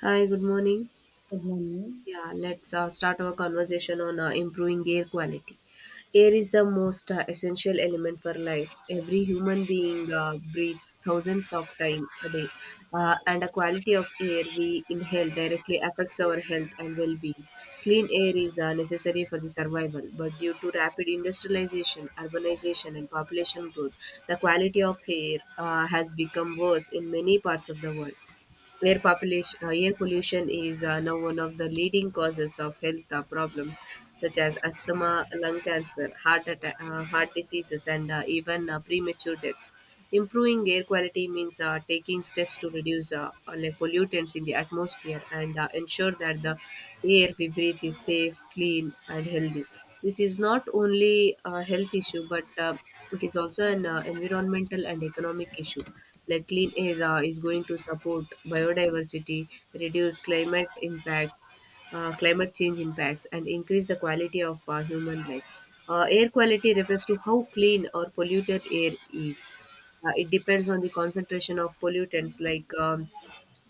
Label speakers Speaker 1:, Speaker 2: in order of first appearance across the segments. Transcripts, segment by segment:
Speaker 1: Hi, good morning.
Speaker 2: Good morning.
Speaker 1: Yeah, let's start our conversation on improving air quality. Air is the most essential element for life. Every human being breathes thousands of times a day, and the quality of air we inhale directly affects our health and well-being. Clean air is necessary for the survival, but due to rapid industrialization, urbanization, and population growth, the quality of air has become worse in many parts of the world. Air pollution is now one of the leading causes of health problems such as asthma, lung cancer, heart attack, heart diseases, and even premature deaths. Improving air quality means taking steps to reduce like pollutants in the atmosphere and ensure that the air we breathe is safe, clean, and healthy. This is not only a health issue, but it is also an environmental and economic issue. Like, clean air is going to support biodiversity, reduce climate impacts, climate change impacts, and increase the quality of human life. Air quality refers to how clean or polluted air is. It depends on the concentration of pollutants like,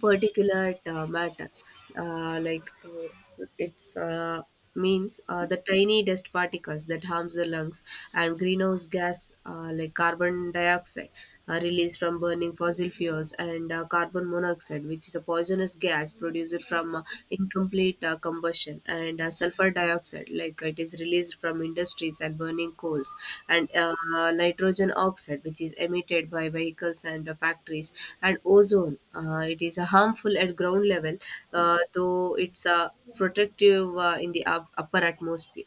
Speaker 1: particular matter. Like it's means The tiny dust particles that harms the lungs and greenhouse gas, like carbon dioxide, are released from burning fossil fuels, and carbon monoxide, which is a poisonous gas produced from incomplete combustion, and sulfur dioxide, like it is released from industries and burning coals, and nitrogen oxide, which is emitted by vehicles and factories, and ozone. It is harmful at ground level, though it's protective in the upper atmosphere.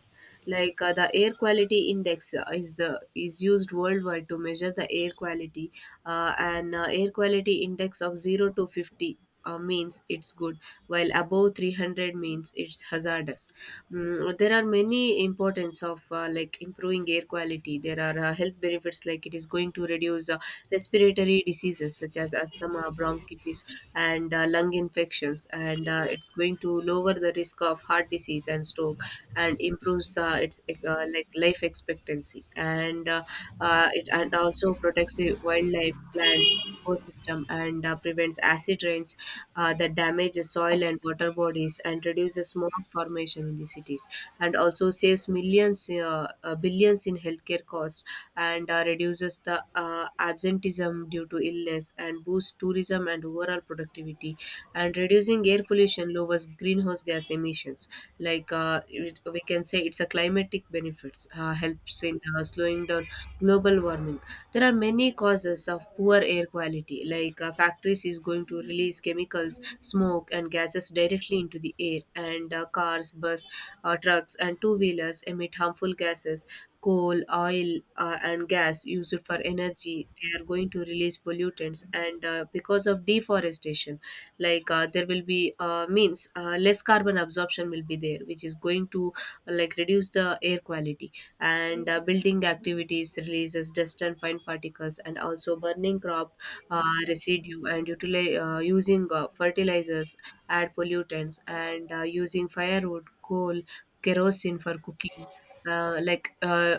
Speaker 1: Like, the air quality index is used worldwide to measure the air quality. And Air quality index of 0 to 50 means it's good, while above 300 means it's hazardous. Mm, there are many importance of like improving air quality. There are health benefits, like it is going to reduce respiratory diseases such as asthma, bronchitis, and lung infections, and it's going to lower the risk of heart disease and stroke, and improves its like life expectancy, and it and also protects the wildlife, plants, ecosystem, and prevents acid rains that damages soil and water bodies, and reduces smog formation in the cities, and also saves millions, billions in healthcare costs and reduces the absenteeism due to illness, and boosts tourism and overall productivity. And reducing air pollution lowers greenhouse gas emissions. Like, we can say, it's a climatic benefits, helps in slowing down global warming. There are many causes of poor air quality, like, factories is going to release chemicals, smoke, and gases directly into the air, and cars, bus, trucks, and two wheelers emit harmful gases. Coal, oil, and gas used for energy, they are going to release pollutants. And because of deforestation, like, there will be means less carbon absorption will be there, which is going to like reduce the air quality. And building activities releases dust and fine particles, and also burning crop uh, residue, and using fertilizers add pollutants, and using firewood, coal, kerosene for cooking, uh, like uh,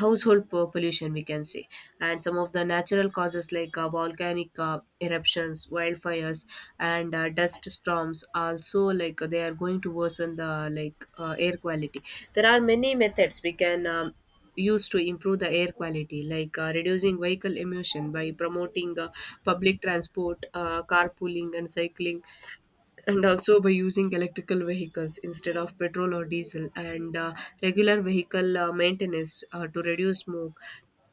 Speaker 1: household pollution, we can say. And some of the natural causes, like volcanic eruptions, wildfires, and dust storms, also like they are going to worsen the, like, air quality. There are many methods we can use to improve the air quality, like reducing vehicle emission by promoting public transport, carpooling, and cycling, and also by using electrical vehicles instead of petrol or diesel, and regular vehicle maintenance to reduce smoke.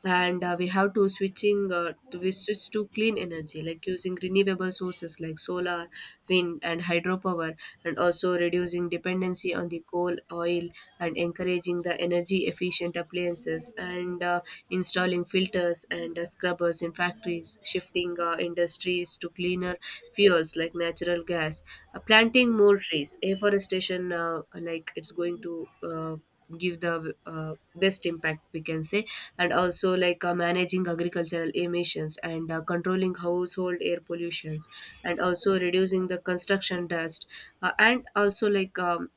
Speaker 1: And we have to we switch to clean energy, like using renewable sources like solar, wind, and hydropower, and also reducing dependency on the coal, oil, and encouraging the energy efficient appliances, and installing filters and scrubbers in factories, shifting industries to cleaner fuels like natural gas, planting more trees, afforestation, like it's going to give the best impact, we can say. And also, like, managing agricultural emissions and controlling household air pollutions, and also reducing the construction dust, and also like, um,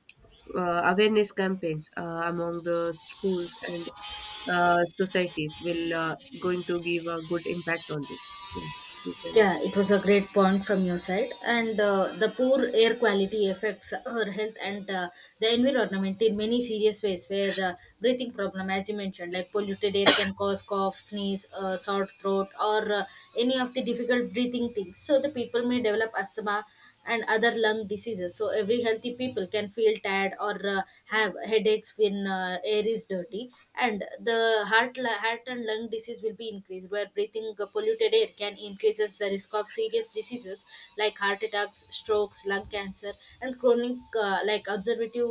Speaker 1: uh, awareness campaigns among the schools and societies will going to give a good impact on this. Yeah, you can.
Speaker 2: Yeah, it was a great point from your side. And the poor air quality affects our health and the environment in many serious ways, where the breathing problem, as you mentioned, like polluted air can cause cough, sneeze, sore throat, or any of the difficult breathing things. So the people may develop asthma and other lung diseases. So every healthy people can feel tired or have headaches when air is dirty, and the heart and lung disease will be increased. Where breathing polluted air can increases the risk of serious diseases like heart attacks, strokes, lung cancer, and chronic like observative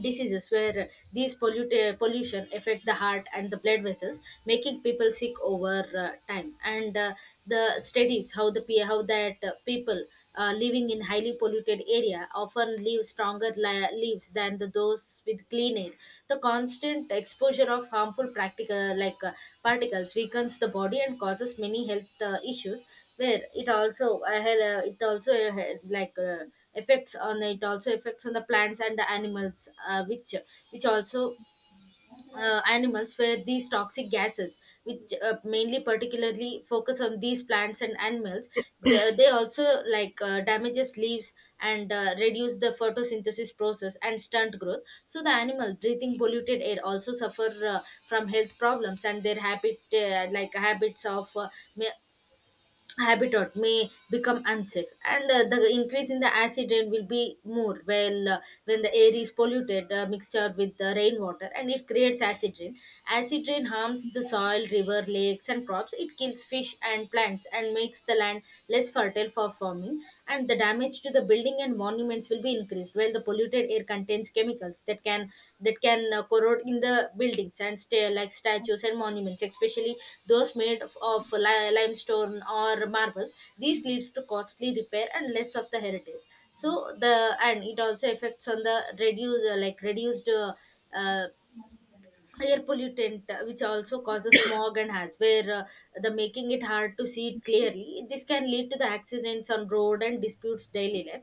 Speaker 2: diseases where these pollution affect the heart and the blood vessels, making people sick over time. And the studies how how that people living in highly polluted area often live stronger lives than the those with clean air. The constant exposure of harmful practical like particles weakens the body and causes many health issues, where it also it also like effects on it also effects on the plants and the animals, which also animals, where these toxic gases which mainly particularly focus on these plants and animals, they also like damages leaves and reduce the photosynthesis process and stunt growth. So the animal breathing polluted air also suffer from health problems, and their habits of ma- habitat may become unsafe. And the increase in the acid rain will be more. Well when the air is polluted, mixture with the rainwater, and it creates acid rain. Acid rain harms the soil, river, lakes, and crops. It kills fish and plants and makes the land less fertile for farming. And the damage to the building and monuments will be increased, while the polluted air contains chemicals that can corrode in the buildings and stay like statues and monuments, especially those made of limestone or marbles. This leads to costly repair and less of the heritage. So the, and it also affects on the reduced uh, air pollutant, which also causes smog and has, where the making it hard to see it clearly. This can lead to the accidents on road and disputes daily life.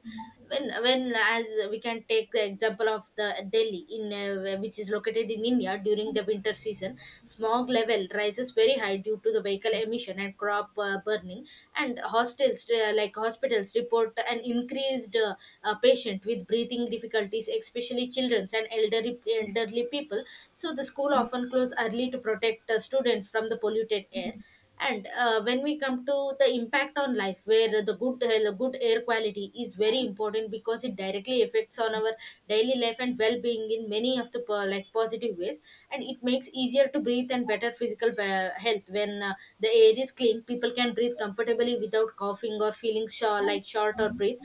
Speaker 2: When as we can take the example of the Delhi in which is located in India, during the winter season smog level rises very high due to the vehicle emission and crop burning. And hostels like hospitals report an increased patient with breathing difficulties, especially children and elderly people. So the school often close early to protect students from the polluted air. And when we come to the impact on life, where the good air quality is very important because it directly affects on our daily life and well being in many of the positive ways, and it makes easier to breathe and better physical health when the air is clean. People can breathe comfortably without coughing or feeling short, like short or breathe.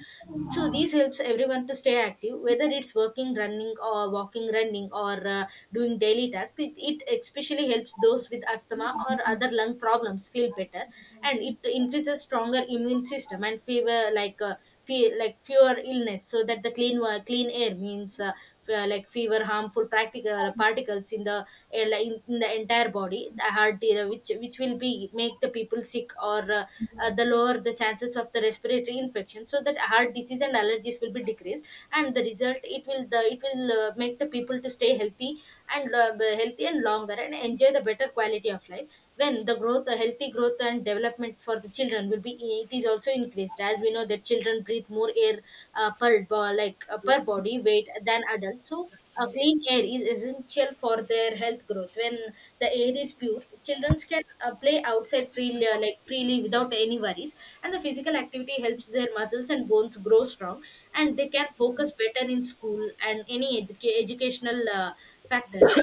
Speaker 2: So these helps everyone to stay active, whether it's working, running, or walking, running, or doing daily tasks. It especially helps those with asthma or other lung problems feel better. And it increases stronger immune system and fever like fewer illness. So that the clean air means fewer harmful practical particles in the air, in the entire body, the heart, which will be make the people sick, or the lower the chances of the respiratory infection. So that heart disease and allergies will be decreased, and the result it will make the people to stay healthy and healthy and longer and enjoy the better quality of life. When the growth the healthy growth and development for the children will be, it is also increased. As we know that children breathe more air per bo- like per body weight than adults. So clean air is essential for their health growth. When the air is pure, children can play outside freely, freely without any worries. And the physical activity helps their muscles and bones grow strong, and they can focus better in school and any educational factors.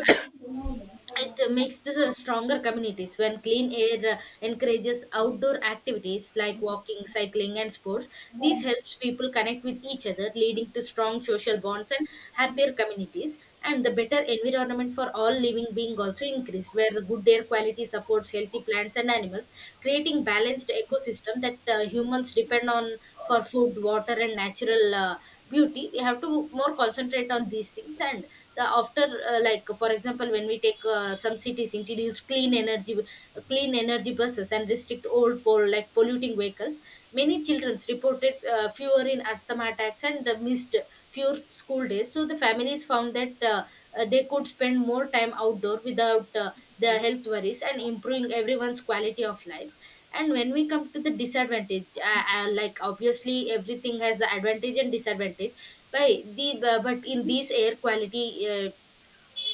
Speaker 2: It makes this a stronger communities when clean air encourages outdoor activities like walking, cycling, and sports. This helps people connect with each other, leading to strong social bonds and happier communities. And the better environment for all living being also increased, where the good air quality supports healthy plants and animals, creating balanced ecosystem that humans depend on for food, water, and natural beauty. We have to more concentrate on these things. And the after like for example, when we take some cities introduce clean energy buses and restrict old polluting vehicles, many children reported fewer in asthma attacks and missed fewer school days. So the families found that they could spend more time outdoor without the health worries, and improving everyone's quality of life. And when we come to the disadvantage, like obviously everything has the advantage and disadvantage. By the bu- but in these air quality, uh,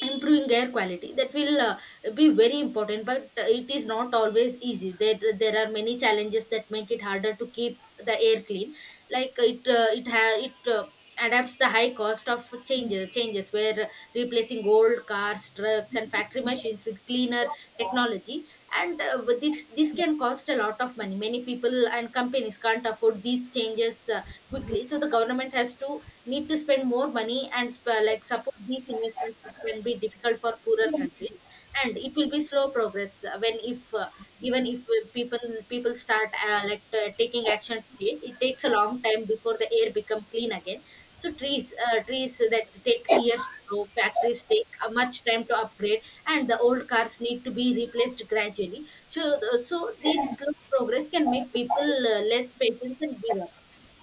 Speaker 2: improving air quality that will be very important, but it is not always easy. There are many challenges that make it harder to keep the air clean, like it adapts the high cost of changes, where replacing old cars, trucks, and factory machines with cleaner technology. And with this, this can cost a lot of money. Many people and companies can't afford these changes quickly. So the government has to need to spend more money and support these investments, which can be difficult for poorer countries. And it will be slow progress. Uh, when if uh, even if uh, people start taking action today, it takes a long time before the air become clean again. So trees that take years to grow, factories take much time to upgrade, and the old cars need to be replaced gradually. So these slow progress can make people less patient and give up.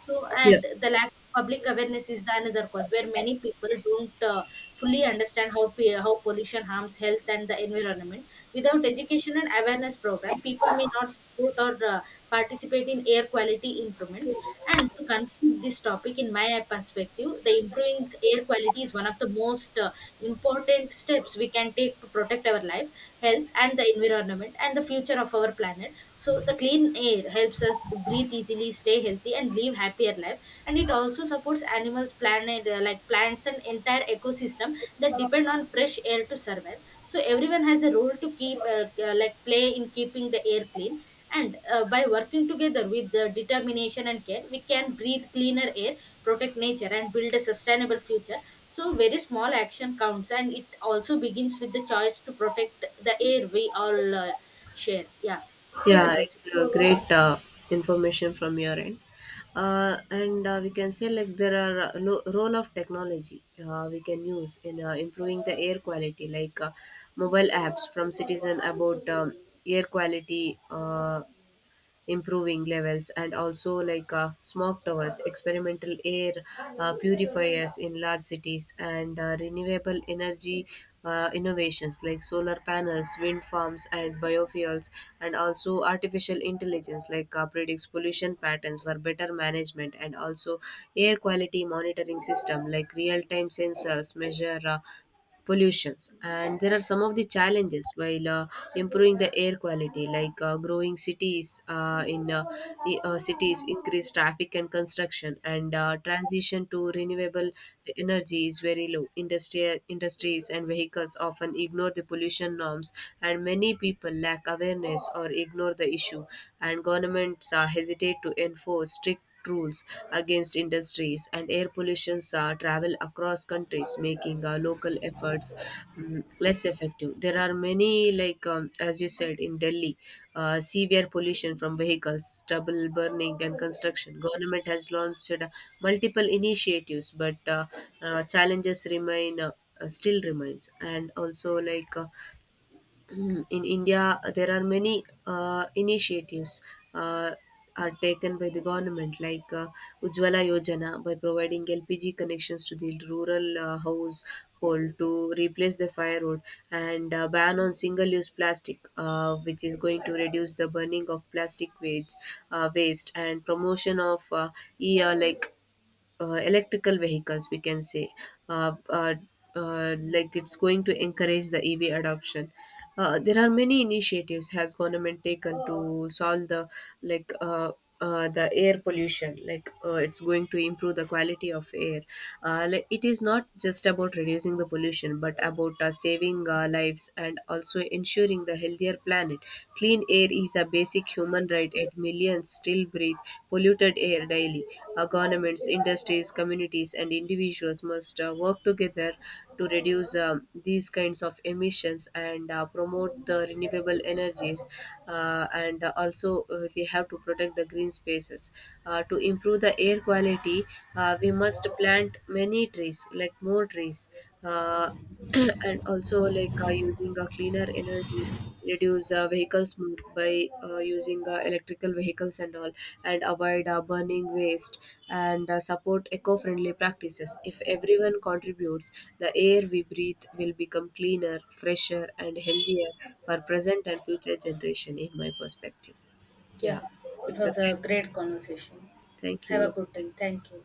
Speaker 2: So,
Speaker 1: Yeah.
Speaker 2: and the lack of public awareness is another cause, where many people don't fully understand how pollution harms health and the environment. Without education and awareness program, people may not support or participate in air quality improvements. And to conclude this topic, in my perspective, the improving air quality is one of the most important steps we can take to protect our life, health, and the environment, and the future of our planet. So, the clean air helps us breathe easily, stay healthy, and live happier life. And it also supports animals, planet like plants, and entire ecosystem that depend on fresh air to survive. So everyone has a role to keep like play in keeping the air clean. And by working together with the determination and care, we can breathe cleaner air, protect nature, and build a sustainable future. So, very small action counts, and it also begins with the choice to protect the air we all share. Yeah, you can
Speaker 1: Yeah,
Speaker 2: proceed.
Speaker 1: it's a great information from your end. And we can say like there are role of technology we can use in improving the air quality, like mobile apps from citizen about, air quality improving levels, and also like smoke towers, experimental air purifiers in large cities, and renewable energy innovations like solar panels, wind farms, and biofuels, and also artificial intelligence, like predicts pollution patterns for better management, and also air quality monitoring system, like real-time sensors measure pollutions. And there are some of the challenges while improving the air quality, like growing cities, cities increased traffic and construction, and transition to renewable energy is very low. Industries and vehicles often ignore the pollution norms, and many people lack awareness or ignore the issue, and governments hesitate to enforce strict rules against industries, and air pollutions travel across countries, making local efforts, mm, less effective. There are many like, as you said in Delhi, severe pollution from vehicles, stubble burning, and construction. Government has launched multiple initiatives, but challenges remain, still remains. And also like, in India, there are many initiatives uh, are taken by the government, like Ujjwala Yojana, by providing LPG connections to the rural household to replace the firewood, and ban on single-use plastic, which is going to reduce the burning of plastic waste, waste, and promotion of e like electrical vehicles, we can say, uh, uh, like it's going to encourage the EV adoption. There are many initiatives has government taken to solve the, like uh, the air pollution, like it's going to improve the quality of air. Like, it is not just about reducing the pollution, but about saving lives, and also ensuring the healthier planet. Clean air is a basic human right, yet millions still breathe polluted air daily. Our governments, industries, communities, and individuals must work together to reduce, these kinds of emissions, and promote the renewable energies. We have to protect the green spaces. To improve the air quality, we must plant many trees, like more trees. Uh, and also like, using a cleaner energy, reduce vehicle smoke by using electrical vehicles and all, and avoid burning waste, and support eco-friendly practices. If everyone contributes, the air we breathe will become cleaner, fresher, and healthier for present and future generation, in my perspective.
Speaker 2: Yeah,
Speaker 1: Yeah,
Speaker 2: it
Speaker 1: it's a
Speaker 2: was a
Speaker 1: great,
Speaker 2: great conversation.
Speaker 1: thank
Speaker 2: Have a
Speaker 1: you.
Speaker 2: good day. Thank you.